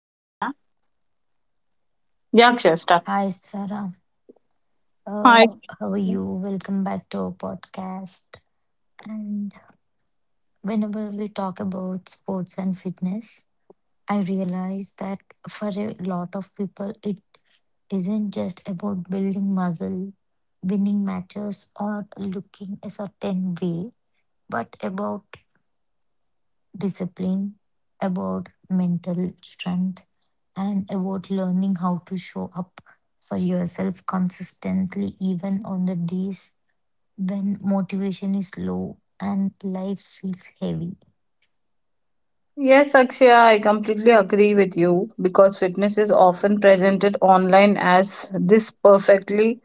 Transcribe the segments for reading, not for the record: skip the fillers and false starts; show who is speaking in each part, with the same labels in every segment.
Speaker 1: में आया yeah Akshay start
Speaker 2: Hi, Sarah.
Speaker 1: Hi.
Speaker 2: How are you? Welcome back to our podcast. And whenever we talk about sports and fitness, I realize that for a lot of people, it isn't just about building muscle, winning matches, or looking a certain way, but about discipline, about mental strength, and about learning how to show up for yourself consistently, even on the days when motivation is low and life feels heavy.
Speaker 1: Yes, Akshaya, I completely agree with you because fitness is often presented online as this perfectly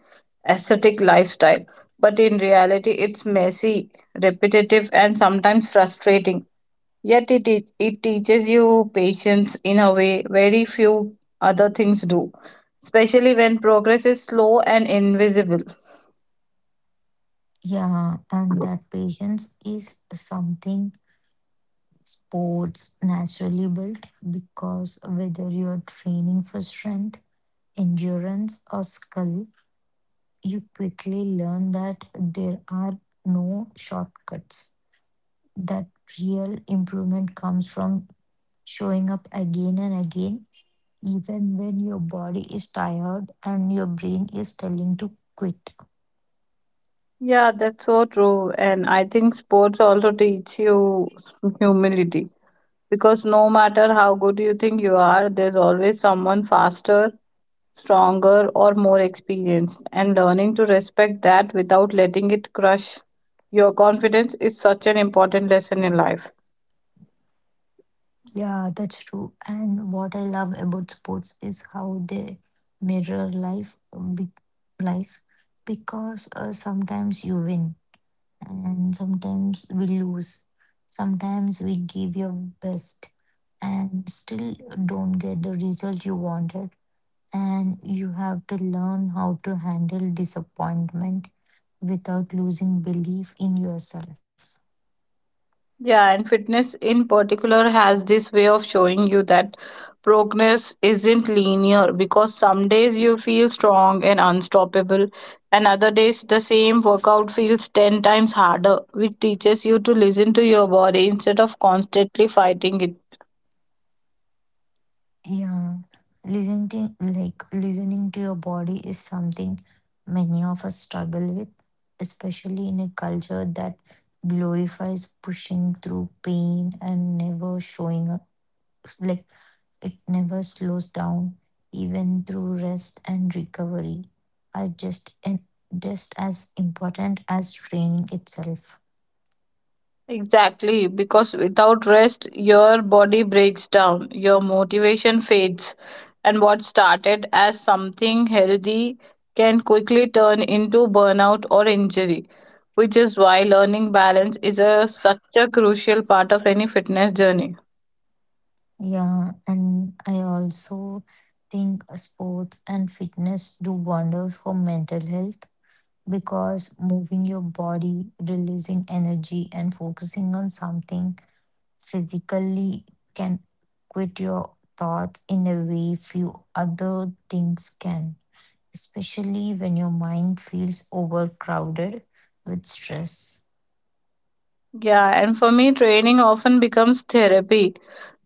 Speaker 1: aesthetic lifestyle. But in reality, it's messy, repetitive, and sometimes frustrating. Yet, it teaches you patience in a way very few other things do, especially when progress is slow and invisible.
Speaker 2: Yeah, and that patience is something sports naturally build because whether you're training for strength, endurance, or skill, you quickly learn that there are no shortcuts. That real improvement comes from showing up again and again, even when your body is tired and your brain is telling to quit.
Speaker 1: Yeah, that's so true. And I think sports also teach you humility because no matter how good you think you are, there's always someone faster, stronger, or more experienced. And learning to respect that without letting it crush your confidence is such an important lesson in life.
Speaker 2: Yeah, that's true. And what I love about sports is how they mirror lifelife, because sometimes you win and sometimes we lose. Sometimes we give your best and still don't get the result you wanted. And you have to learn how to handle disappointment without losing belief in yourself.
Speaker 1: Yeah, and fitness in particular has this way of showing you that progress isn't linear because some days you feel strong and unstoppable, and other days the same workout feels 10 times harder, which teaches you to listen to your body instead of constantly fighting it.
Speaker 2: Yeah, listening to your body is something many of us struggle with, especially in a culture that glorifies pushing through pain and never showing up. Like it never slows down, even through rest and recovery are just as important as training itself.
Speaker 1: Exactly, because without rest, your body breaks down, your motivation fades, and what started as something healthy can quickly turn into burnout or injury, which is why learning balance is such a crucial part of any fitness journey.
Speaker 2: Yeah, and I also think sports and fitness do wonders for mental health because moving your body, releasing energy, and focusing on something physically can quit your thoughts in a way few other things can, especially when your mind feels overcrowded with stress.
Speaker 1: Yeah, and for me, training often becomes therapy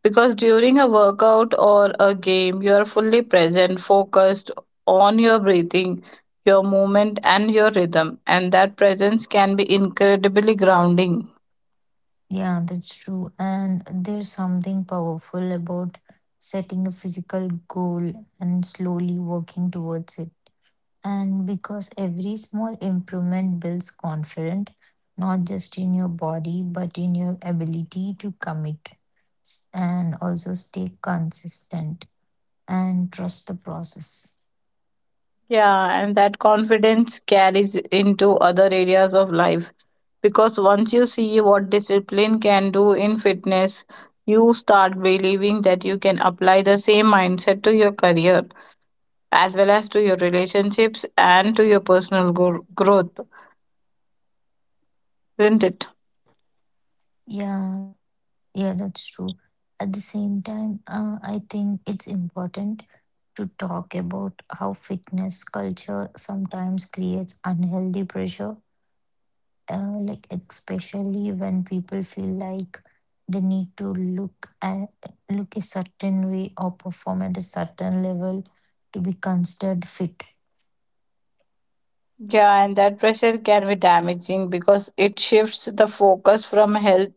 Speaker 1: because during a workout or a game, you are fully present, focused on your breathing, your movement, and your rhythm. And that presence can be incredibly grounding.
Speaker 2: Yeah, that's true. And there's something powerful about setting a physical goal and slowly working towards it And because every small improvement builds confidence, not just in your body, but in your ability to commit and also stay consistent and trust the process.
Speaker 1: Yeah, and that confidence carries into other areas of life because once you see what discipline can do in fitness, you start believing that you can apply the same mindset to your career, as well as to your relationships and to your personal growth, isn't it?
Speaker 2: Yeah, yeah, that's true. At the same time, I think it's important to talk about how fitness culture sometimes creates unhealthy pressure, like especially when people feel like they need to look a certain way or perform at a certain level to be considered fit.
Speaker 1: Yeah, and that pressure can be damaging because it shifts the focus from health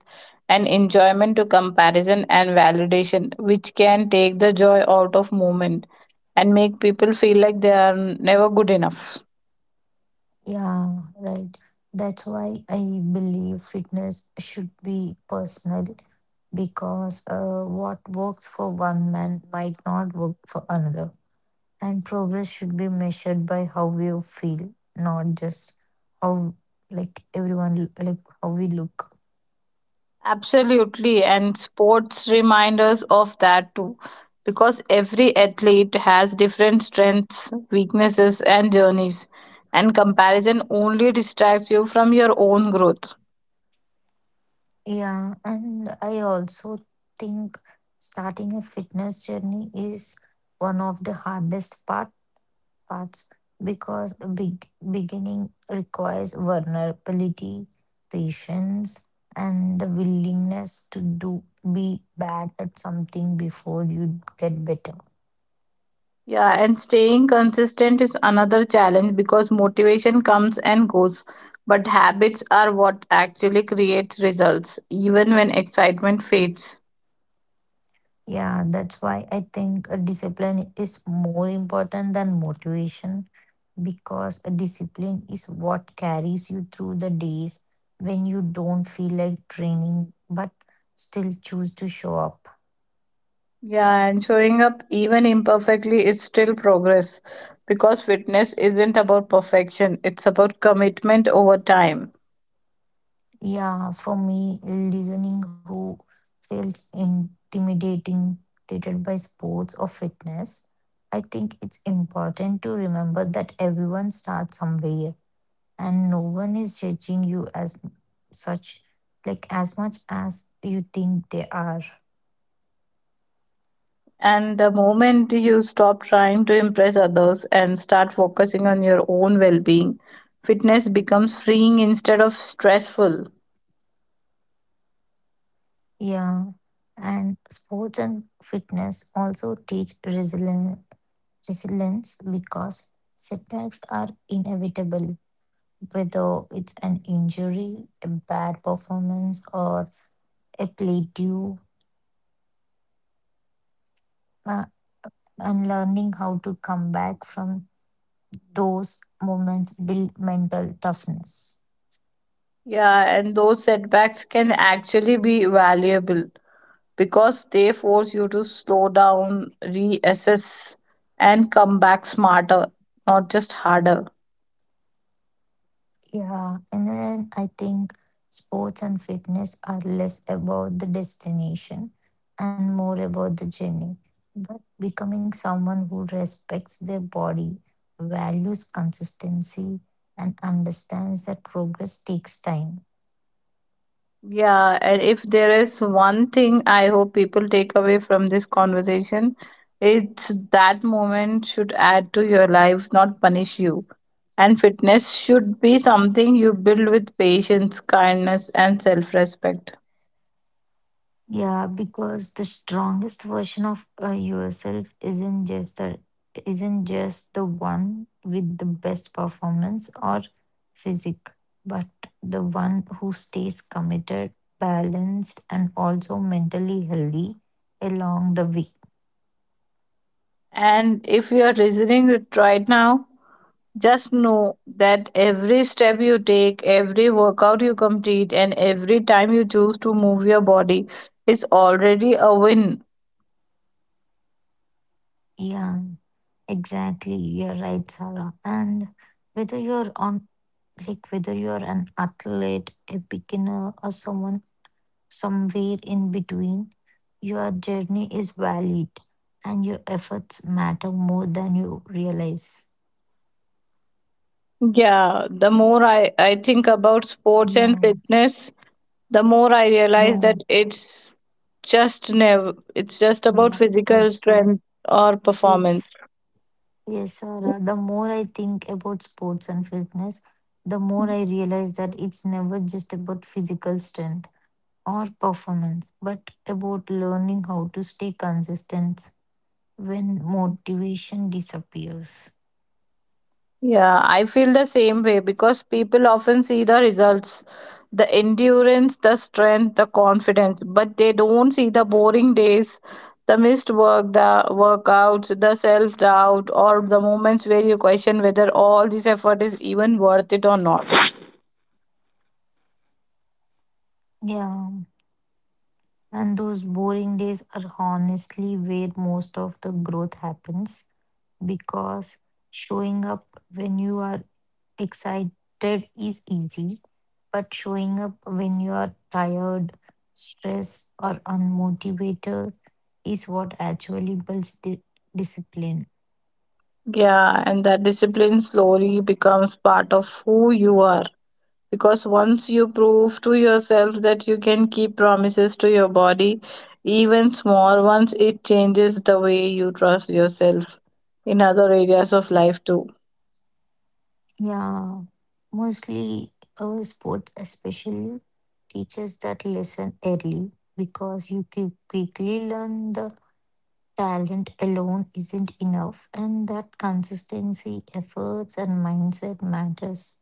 Speaker 1: and enjoyment to comparison and validation, which can take the joy out of movement and make people feel like they are never good enough.
Speaker 2: Yeah, right, that's why I believe fitness should be personal, because what works for one man might not work for another, and progress should be measured by how we feel, not just how, like everyone l- like how we look.
Speaker 1: Absolutely, and sports remind us of that too, because every athlete has different strengths, weaknesses, and journeys, and comparison only distracts you from your own growth.
Speaker 2: Yeah, and I also think starting a fitness journey is one of the hardest parts, because a big beginning requires vulnerability, patience, and the willingness to do be bad at something before you get better.
Speaker 1: Yeah, and staying consistent is another challenge because motivation comes and goes, but habits are what actually creates results, even when excitement fades.
Speaker 2: Yeah, that's why I think a discipline is more important than motivation, because a discipline is what carries you through the days when you don't feel like training but still choose to show up.
Speaker 1: Yeah, and showing up even imperfectly is still progress because fitness isn't about perfection, it's about commitment over time.
Speaker 2: Yeah, for me, listening who feels intimidated by sports or fitness, I think it's important to remember that everyone starts somewhere and no one is judging you as such, like as much as you think they are.
Speaker 1: And the moment you stop trying to impress others and start focusing on your own well being, fitness becomes freeing instead of stressful.
Speaker 2: Yeah, and sports and fitness also teach resilience, because setbacks are inevitable, whether it's an injury, a bad performance, or a play due. Uh, and learning how to come back from those moments build mental toughness.
Speaker 1: Yeah, and those setbacks can actually be valuable because they force you to slow down, reassess, and come back smarter, not just harder.
Speaker 2: Yeah, and then I think sports and fitness are less about the destination and more about the journey. But becoming someone who respects their body, values consistency, and understands that progress takes time.
Speaker 1: Yeah, and if there is one thing I hope people take away from this conversation, it's that moment should add to your life, not punish you. And fitness should be something you build with patience, kindness, and self respect.
Speaker 2: Yeah, because the strongest version of yourself isn't just the one with the best performance or physique, but the one who stays committed, balanced, and also mentally healthy along the way.
Speaker 1: And if you are listening it right now, just know that every step you take, every workout you complete, and every time you choose to move your body is already a win.
Speaker 2: Yeah, exactly. You're right, Sarah. And whether you're on like whether you're an athlete, a beginner, or someone somewhere in between, your journey is valid and your efforts matter more than you realize.
Speaker 1: Yeah, the more I think about sports and
Speaker 2: Yeah,
Speaker 1: fitness, the more I realize
Speaker 2: yeah,
Speaker 1: that it's just never it's just about
Speaker 2: yeah,
Speaker 1: physical
Speaker 2: that's true.
Speaker 1: strength or performance.
Speaker 2: Yes, yes, Sarah. The more I think about sports and fitness, the more I realize that it's never just about physical strength or performance, but about learning how to stay consistent when motivation disappears.
Speaker 1: Yeah, I feel the same way because people often see the results, the endurance, the strength, the confidence, but they don't see the boring days, the missed work, the workouts, the self doubt, or the moments where you question whether all this effort is even worth it or not.
Speaker 2: Yeah, and those boring days are honestly where most of the growth happens, because showing up when you are excited is easy, but showing up when you are tired, stressed, or unmotivated is what actually builds discipline.
Speaker 1: Yeah, and that discipline slowly becomes part of who you are. Because once you prove to yourself that you can keep promises to your body, even small ones, it changes the way you trust yourself in other areas of life too.
Speaker 2: Yeah, mostly sports especially teaches that lesson early, because you can quickly learn the talent alone isn't enough, and that consistency efforts and mindset matters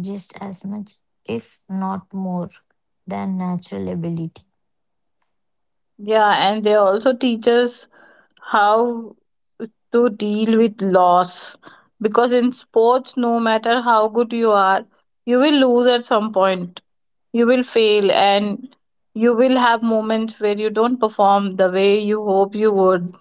Speaker 2: just as much, if not more, than natural ability.
Speaker 1: Yeah, and they also teach us how to deal with loss, because in sports, no matter how good you are, you will lose at some point, you will fail, and you will have moments where you don't perform the way you hope you would.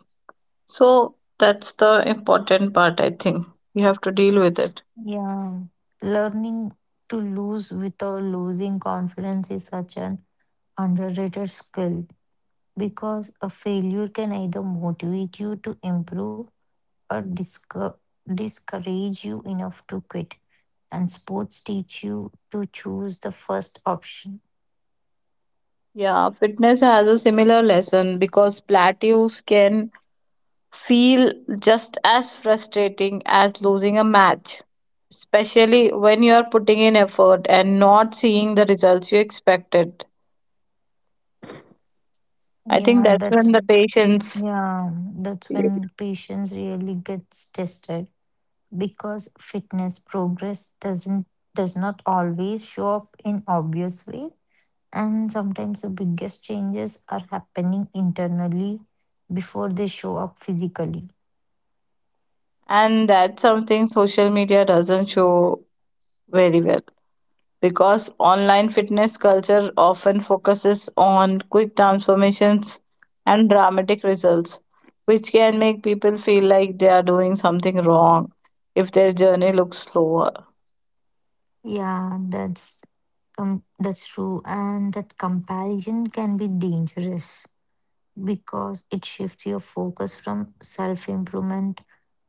Speaker 1: So that's the important part, I think. You have to deal with it.
Speaker 2: Yeah, learning to lose without losing confidence is such an underrated skill, because a failure can either motivate you to improve or discourage you enough to quit, and sports teach you to choose the first option.
Speaker 1: Yeah, fitness has a similar lesson because plateaus can feel just as frustrating as losing a match, especially when you are putting in effort and not seeing the results you expected. I think
Speaker 2: Yeah,
Speaker 1: that's when the patience,
Speaker 2: yeah, that's when patience really gets tested, because fitness progress doesn't does not always show up in obvious way, and sometimes the biggest changes are happening internally before they show up physically.
Speaker 1: and that's something social media doesn't show very well, because online fitness culture often focuses on quick transformations and dramatic results, which can make people feel like they are doing something wrong if their journey looks slower.
Speaker 2: Yeah, that's, that's true, and that comparison can be dangerous because it shifts your focus from self-improvement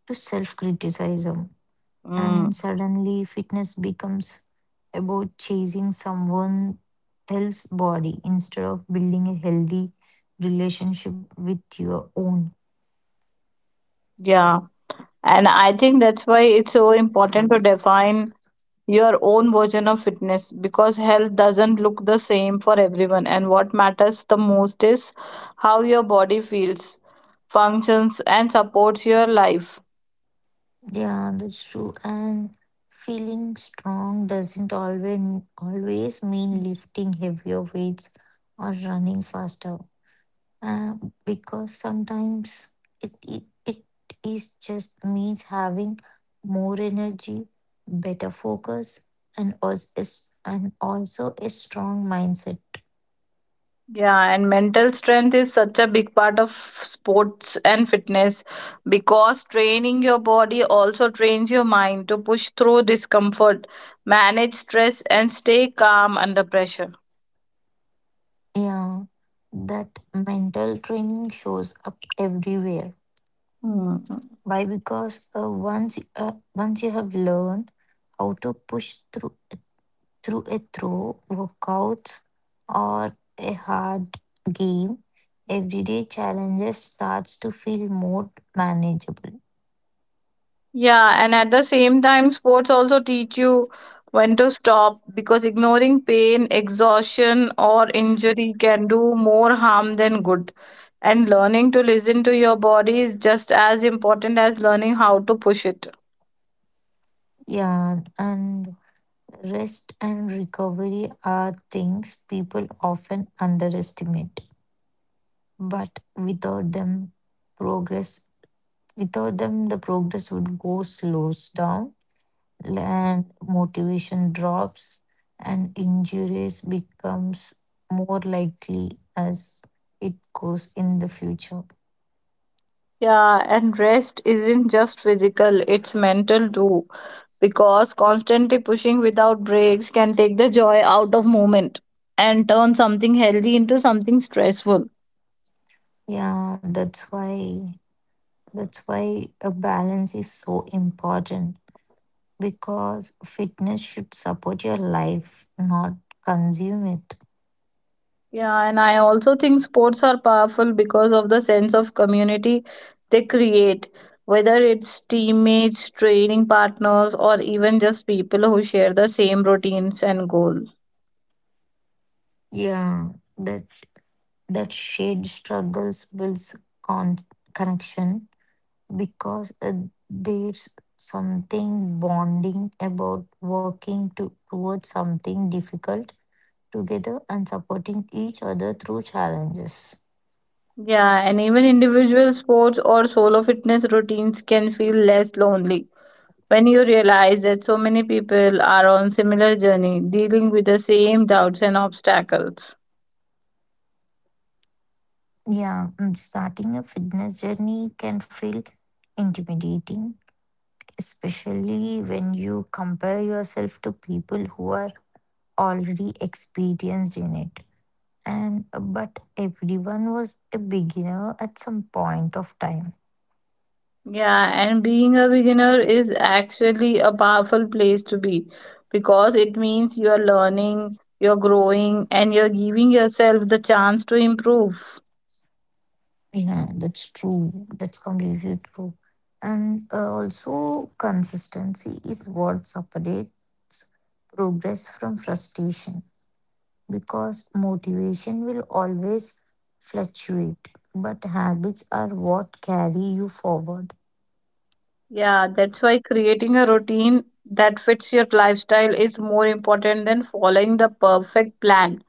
Speaker 2: to self-criticism, and
Speaker 1: Mm.
Speaker 2: suddenly fitness becomes about chasing someone else's body instead of building a healthy relationship with your own.
Speaker 1: Yeah, and I think that's why it's so important to define your own version of fitness because health doesn't look the same for everyone. And what matters the most is how your body feels, functions, and supports your life.
Speaker 2: Yeah, that's true. And feeling strong doesn't always mean lifting heavier weights or running faster. uh, because sometimes it is just means having more energy, better focus, and also a strong mindset.
Speaker 1: Yeah, and mental strength is such a big part of sports and fitness because training your body also trains your mind to push through discomfort, manage stress, and stay calm under pressure.
Speaker 2: Yeah, that mental training shows up everywhere.
Speaker 1: Hmm.
Speaker 2: Why? Because once you have learned how to push through a throw, workouts, or a hard game, everyday challenges starts to feel more manageable.
Speaker 1: Yeah, and at the same time, sports also teach you when to stop because ignoring pain, exhaustion, or injury can do more harm than good. And learning to listen to your body is just as important as learning how to push it.
Speaker 2: Yeah, and rest and recovery are things people often underestimate, but without them, progress the progress would go slows down, and motivation drops and injuries becomes more likely as it goes in the future.
Speaker 1: Yeah, and rest isn't just physical, it's mental too, because constantly pushing without breaks can take the joy out of movement and turn something healthy into something stressful.
Speaker 2: Yeah, that's why a balance is so important, because fitness should support your life, not consume it.
Speaker 1: Yeah, and I also think sports are powerful because of the sense of community they create, whether it's teammates, training partners, or even just people who share the same routines and goals.
Speaker 2: Yeah, that that shared struggles builds con- connection, because there's something bonding about working towards something difficult together and supporting each other through challenges.
Speaker 1: Yeah, and even individual sports or solo fitness routines can feel less lonely when you realize that so many people are on similar journey dealing with the same doubts and obstacles.
Speaker 2: Yeah, starting a fitness journey can feel intimidating, especially when you compare yourself to people who are already experienced in it. And but everyone was a beginner at some point of time.
Speaker 1: Yeah, and being a beginner is actually a powerful place to be because it means you are learning, you're growing, and you're giving yourself the chance to improve.
Speaker 2: Yeah, that's true. That's completely true. And also, consistency is what separates progress from frustration, because motivation will always fluctuate, but habits are what carry you forward.
Speaker 1: Yeah, that's why creating a routine that fits your lifestyle is more important than following the perfect plan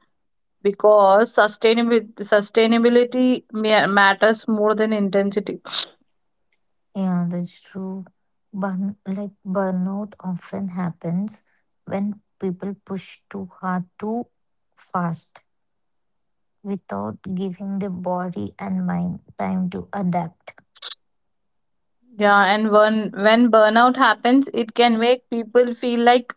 Speaker 1: because sustainability matters more than intensity.
Speaker 2: Yeah, that's true. Burnout often happens when people push too hard too fast without giving the body and mind time to adapt.
Speaker 1: Yeah, and when burnout happens, it can make people feel like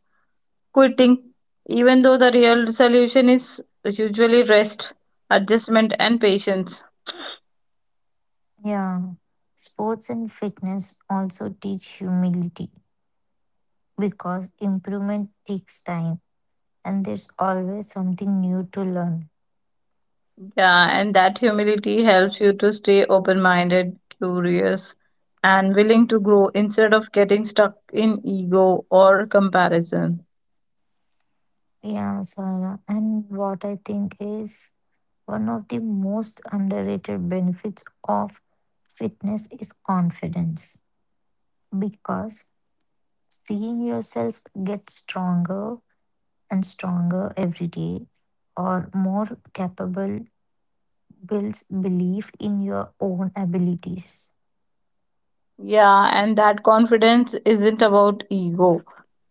Speaker 1: quitting, even though the real solution is usually rest, adjustment, and patience.
Speaker 2: Yeah, sports and fitness also teach humility, because improvement takes time and there's always something new to learn.
Speaker 1: Yeah, and that humility helps you to stay open minded, curious, and willing to grow instead of getting stuck in ego or comparison.
Speaker 2: Yeah, Sarah. And what I think is one of the most underrated benefits of fitness is confidence, because seeing yourself get stronger and stronger every day or more capable builds belief in your own abilities.
Speaker 1: Yeah, and that confidence isn't about ego,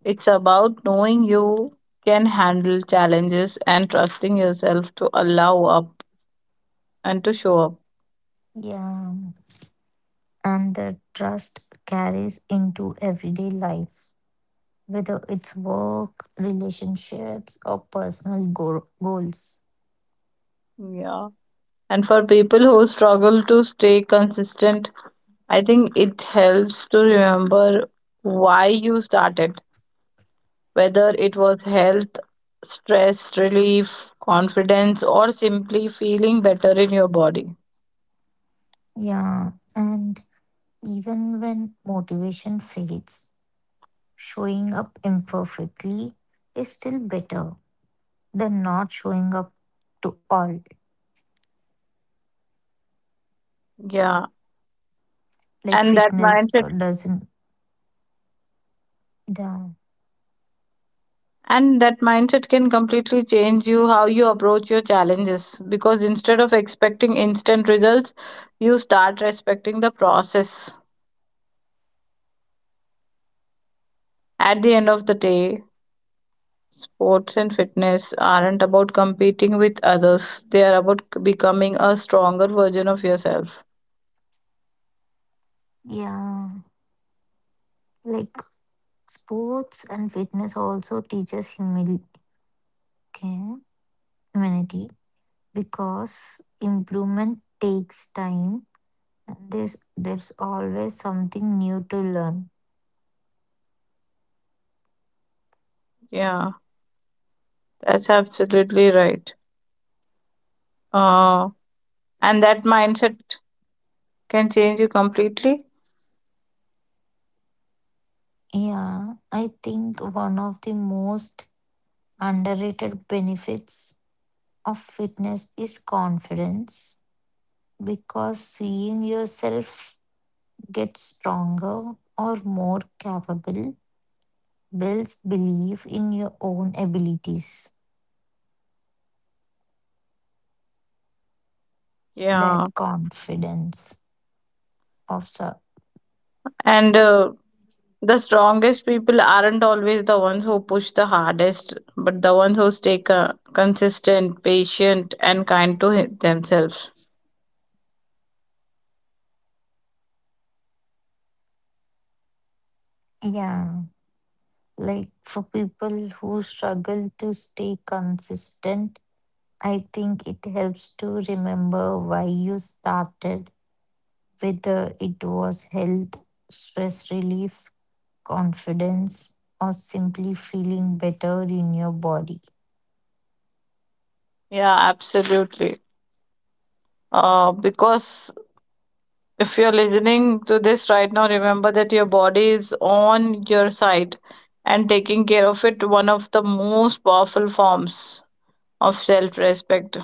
Speaker 1: it's about knowing you can handle challenges and trusting yourself to allow up and to show up.
Speaker 2: Yeah. And the trust carries into everyday life, whether it's work, relationships, or personal goals.
Speaker 1: Yeah. And for people who struggle to stay consistent, I think it helps to remember why you started, whether it was health, stress relief, confidence, or simply feeling better in your body.
Speaker 2: Yeah. And even when motivation fades, showing up imperfectly is still better than not showing up to all,
Speaker 1: Yeah,
Speaker 2: like
Speaker 1: and that
Speaker 2: fitness
Speaker 1: mindset
Speaker 2: doesn't. Yeah,
Speaker 1: and that mindset can completely change you how you approach your challenges because instead of expecting instant results, you start respecting the process. At the end of the day, sports and fitness aren't about competing with others, they are about becoming a stronger version of yourself.
Speaker 2: yeah. Like sports and fitness also teaches humanity, because improvement takes time and there's always something new to learn.
Speaker 1: Yeah, that's absolutely right. Uh, and that mindset can change you completely.
Speaker 2: Yeah, I think one of the most underrated benefits of fitness is confidence, because seeing yourself get stronger or more capable builds belief in your own abilities.
Speaker 1: Yeah.
Speaker 2: That confidence of the,
Speaker 1: And the strongest people aren't always the ones who push the hardest, but the ones who stay consistent, patient, and kind to themselves.
Speaker 2: yeah, like for people who struggle to stay consistent, I think it helps to remember why you started, whether it was health, stress relief, confidence, or simply feeling better in your body.
Speaker 1: Yeah, absolutely. Because if you're listening to this right now, remember that your body is on your side and taking care of it, one of the most powerful forms of self respect.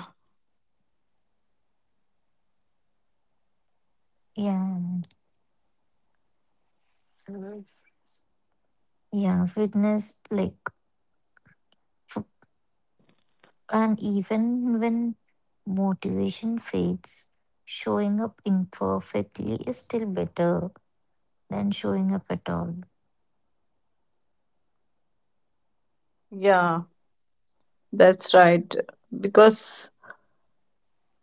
Speaker 2: Yeah. So yeah, fitness like. And even when motivation fades, showing up imperfectly is still better than showing up at all.
Speaker 1: Yeah, that's right. Because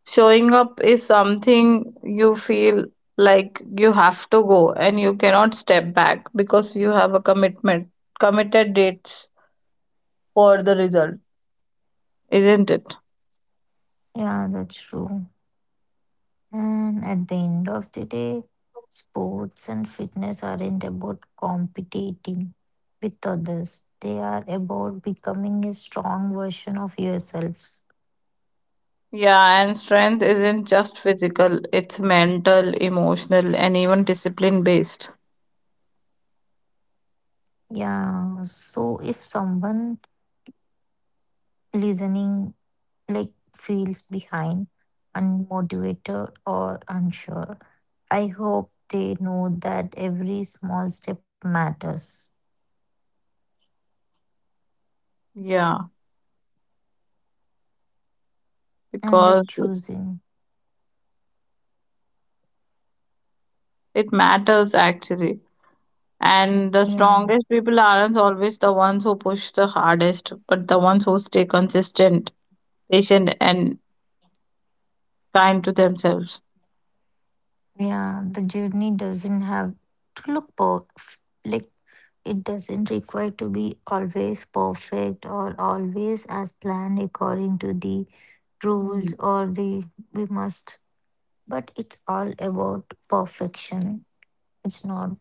Speaker 1: showing up is something you feel like you have to go and you cannot step back because you have a commitment, committed dates for the result, isn't it?
Speaker 2: Yeah, that's true. And at the end of the day, sports and fitness aren't about competing with others, they are about becoming a strong version of yourselves.
Speaker 1: Yeah, and strength isn't just physical, it's mental, emotional, and even discipline based.
Speaker 2: Yeah, so if someone listening like feels behind, unmotivated, or unsure. I hope they know that every small step matters
Speaker 1: Yeah,
Speaker 2: and that
Speaker 1: because
Speaker 2: choosing,
Speaker 1: it matters actually. And the
Speaker 2: yeah,
Speaker 1: strongest people aren't always the ones who push the hardest, but the ones who stay consistent, patient, and kind to themselves.
Speaker 2: yeah, the journey doesn't have to look perfect. Like it doesn't require to be always perfect or always as planned according to the rules
Speaker 1: Mm.
Speaker 2: or the we must. But it's all about perfection. It's not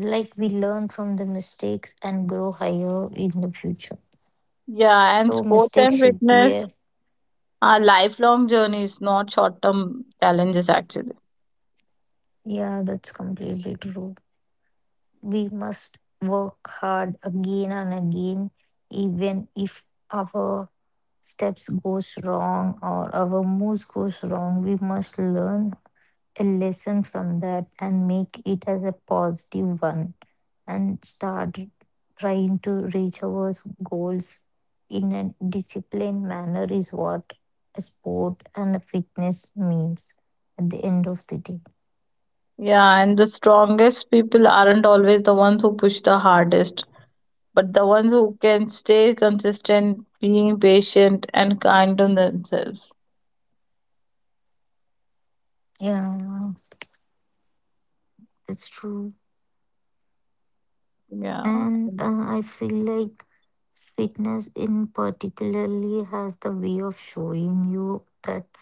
Speaker 2: like we learn from the mistakes and grow higher in the future.
Speaker 1: Yeah, and
Speaker 2: So
Speaker 1: sports
Speaker 2: mistakes
Speaker 1: and
Speaker 2: should be a,
Speaker 1: fitness are lifelong journeys, not short term challenges actually.
Speaker 2: yeah, that's completely true. We must work hard again and again, even if our steps goes wrong or our moves goes wrong. We must learn a lesson from that and make it as a positive one and start trying to reach our goals in a disciplined manner is what a sport and a fitness means at the end of the day.
Speaker 1: Yeah, and the strongest people aren't always the ones who push the hardest, but the ones who can stay consistent, being patient and kind on themselves.
Speaker 2: Yeah, it's true.
Speaker 1: Yeah.
Speaker 2: And I feel like fitness in particularly has the way of showing you that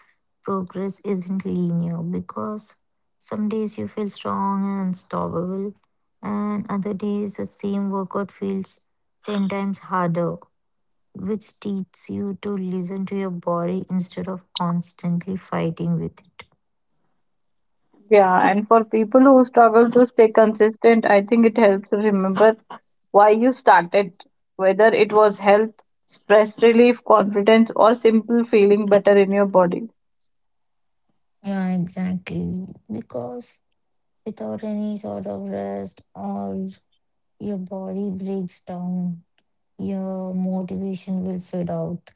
Speaker 2: progress isn't linear, because some days you feel strong and unstoppable, and other days the same workout feels 10 times harder, which teaches you to listen to your body instead of constantly fighting with it.
Speaker 1: Yeah, and for people who struggle to stay consistent, I think it helps to remember why you started, whether it was health, stress relief, confidence, or simple feeling better in your body.
Speaker 2: Yeah, exactly. Because without any sort of rest or your body breaks down, your motivation will fade out,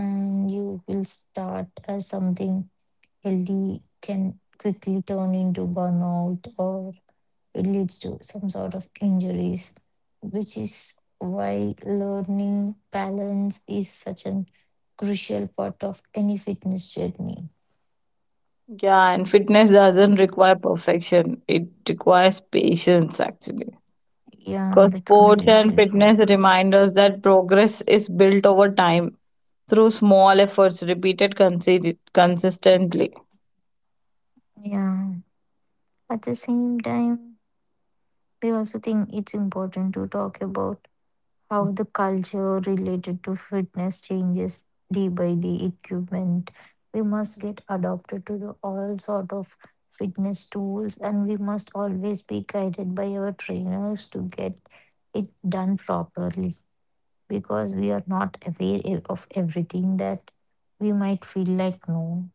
Speaker 2: and you will start as something healthy can quickly turn into burnout or it leads to some sort of injuries, which is why learning balance is such an crucial part of any fitness journey.
Speaker 1: Yeah, and fitness doesn't require perfection, it requires patience actually.
Speaker 2: Yeah,
Speaker 1: 'Cause
Speaker 2: that's
Speaker 1: sports and
Speaker 2: completely
Speaker 1: fitness
Speaker 2: true.
Speaker 1: remind us that progress is built over time through small efforts repeated consistently.
Speaker 2: Yeah. At the same time, we also think it's important to talk about how the culture related to fitness changes day by day equipment, we must get adopted to the all sort of fitness tools, and we must always be guided by our trainers to get it done properly, because we are not aware of everything that we might feel like no,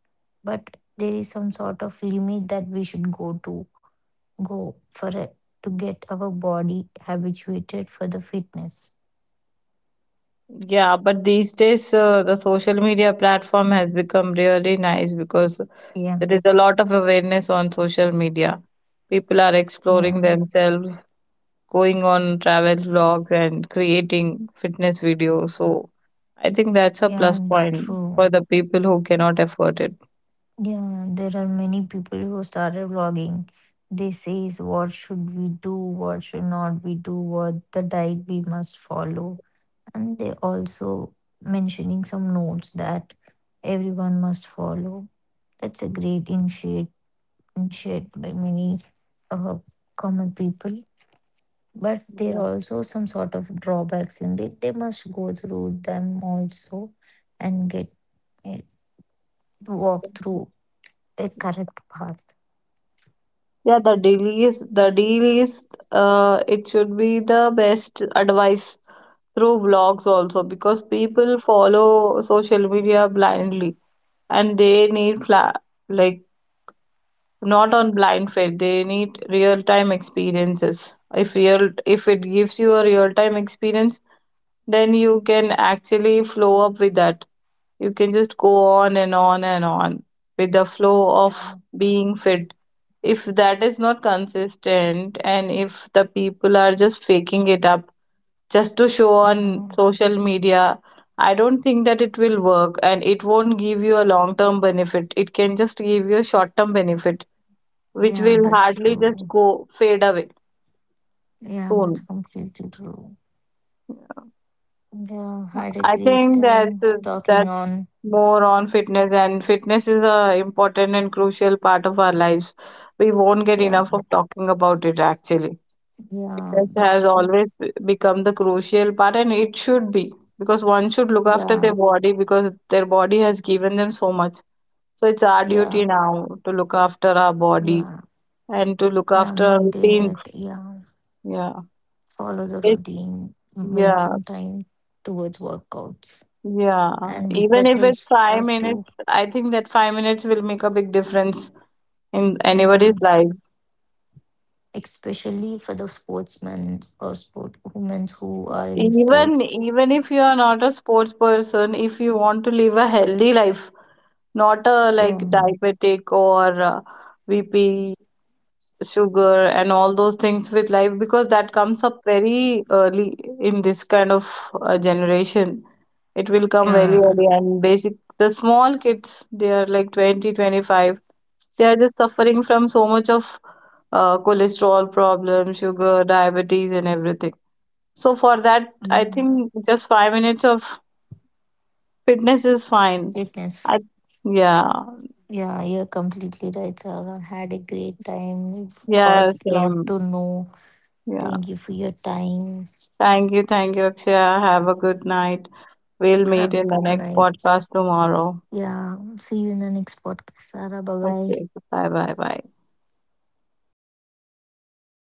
Speaker 2: but there is some sort of limit that we should go to go for it to get our body habituated for the fitness.
Speaker 1: Yeah, but these days the social media platform has become really nice because
Speaker 2: Yeah.
Speaker 1: there is a lot of awareness on social media. People are exploring
Speaker 2: Yeah,
Speaker 1: themselves, going on travel vlogs, and creating fitness videos. So I think that's a
Speaker 2: yeah,
Speaker 1: plus point for
Speaker 2: true.
Speaker 1: the people who cannot afford it.
Speaker 2: Yeah, there are many people who started vlogging. They says what should we do, what should not we do, what the diet we must follow. And they also mentioning some notes that everyone must follow. That's a great initiate by many uh, common people. But there
Speaker 1: Yeah.
Speaker 2: are also some sort of drawbacks in it. They must go through them also and get walk through a correct path.
Speaker 1: Yeah, the deal is the deal is, it should be the best advice through vlogs also, because people follow social media blindly and they need like, not on blind faith, they need real time experiences. If real, if it gives you a real time experience, then you can actually flow up with that. You can just go on and on and on with the flow of
Speaker 2: Yeah,
Speaker 1: being fit. If that is not consistent and if the people are just faking it up just to show
Speaker 2: you
Speaker 1: on
Speaker 2: know,
Speaker 1: social media, I don't think that it will work and it won't give you a long term benefit. It can just give you a short term benefit which
Speaker 2: yeah,
Speaker 1: will
Speaker 2: that's
Speaker 1: hardly just
Speaker 2: true.
Speaker 1: go fade away
Speaker 2: Yeah, that's
Speaker 1: soon.
Speaker 2: completely true. Yeah, had a
Speaker 1: I
Speaker 2: great
Speaker 1: think that's
Speaker 2: time talking
Speaker 1: that's
Speaker 2: on.
Speaker 1: more on fitness, and fitness is a important and crucial part of our lives. We won't get
Speaker 2: Yeah,
Speaker 1: enough of talking about it actually.
Speaker 2: yeah,
Speaker 1: Fitness has
Speaker 2: that's true.
Speaker 1: always become the crucial part, and it should be because one should look after their
Speaker 2: Yeah,
Speaker 1: body because their body has given them so much. So it's our duty
Speaker 2: yeah,
Speaker 1: now to look after our body
Speaker 2: yeah,
Speaker 1: and to look
Speaker 2: yeah,
Speaker 1: after our
Speaker 2: maintain it.
Speaker 1: routines.
Speaker 2: Yeah,
Speaker 1: Yeah.
Speaker 2: follow the
Speaker 1: It's,
Speaker 2: routine, make
Speaker 1: yeah.
Speaker 2: some time towards workouts.
Speaker 1: Yeah.
Speaker 2: And with,
Speaker 1: Even
Speaker 2: that
Speaker 1: if it's
Speaker 2: helps
Speaker 1: five
Speaker 2: us to,
Speaker 1: minutes, I think that 5 minutes will make a big difference in
Speaker 2: yeah,
Speaker 1: anybody's life.
Speaker 2: especially for the sportsmen or sport women who are in
Speaker 1: Even
Speaker 2: sports.
Speaker 1: even if you are not a sports person, if you want to live a healthy life, not a like
Speaker 2: Yeah.
Speaker 1: diabetic or BP, sugar, and all those things with life, because that comes up very early in this kind of generation. It will come very
Speaker 2: Yeah,
Speaker 1: early, and basic the small kids, they are like 20-25. They are just suffering from so much of cholesterol problem, sugar, diabetes, and everything. So for that, I
Speaker 2: yeah,
Speaker 1: think just 5 minutes of fitness is fine.
Speaker 2: fitness.
Speaker 1: I, yeah,
Speaker 2: Yeah, you're completely right, Sarah. Had a great time. We got
Speaker 1: yeah,
Speaker 2: lot
Speaker 1: same.
Speaker 2: to know.
Speaker 1: Yeah.
Speaker 2: Thank you for your time.
Speaker 1: Thank you, Akshaya. Have a good night. We'll meet
Speaker 2: Have a
Speaker 1: in the
Speaker 2: good
Speaker 1: next
Speaker 2: night.
Speaker 1: podcast tomorrow.
Speaker 2: Yeah, see you in the next podcast, Sarah. Bye bye.
Speaker 1: Okay. Bye, bye, bye.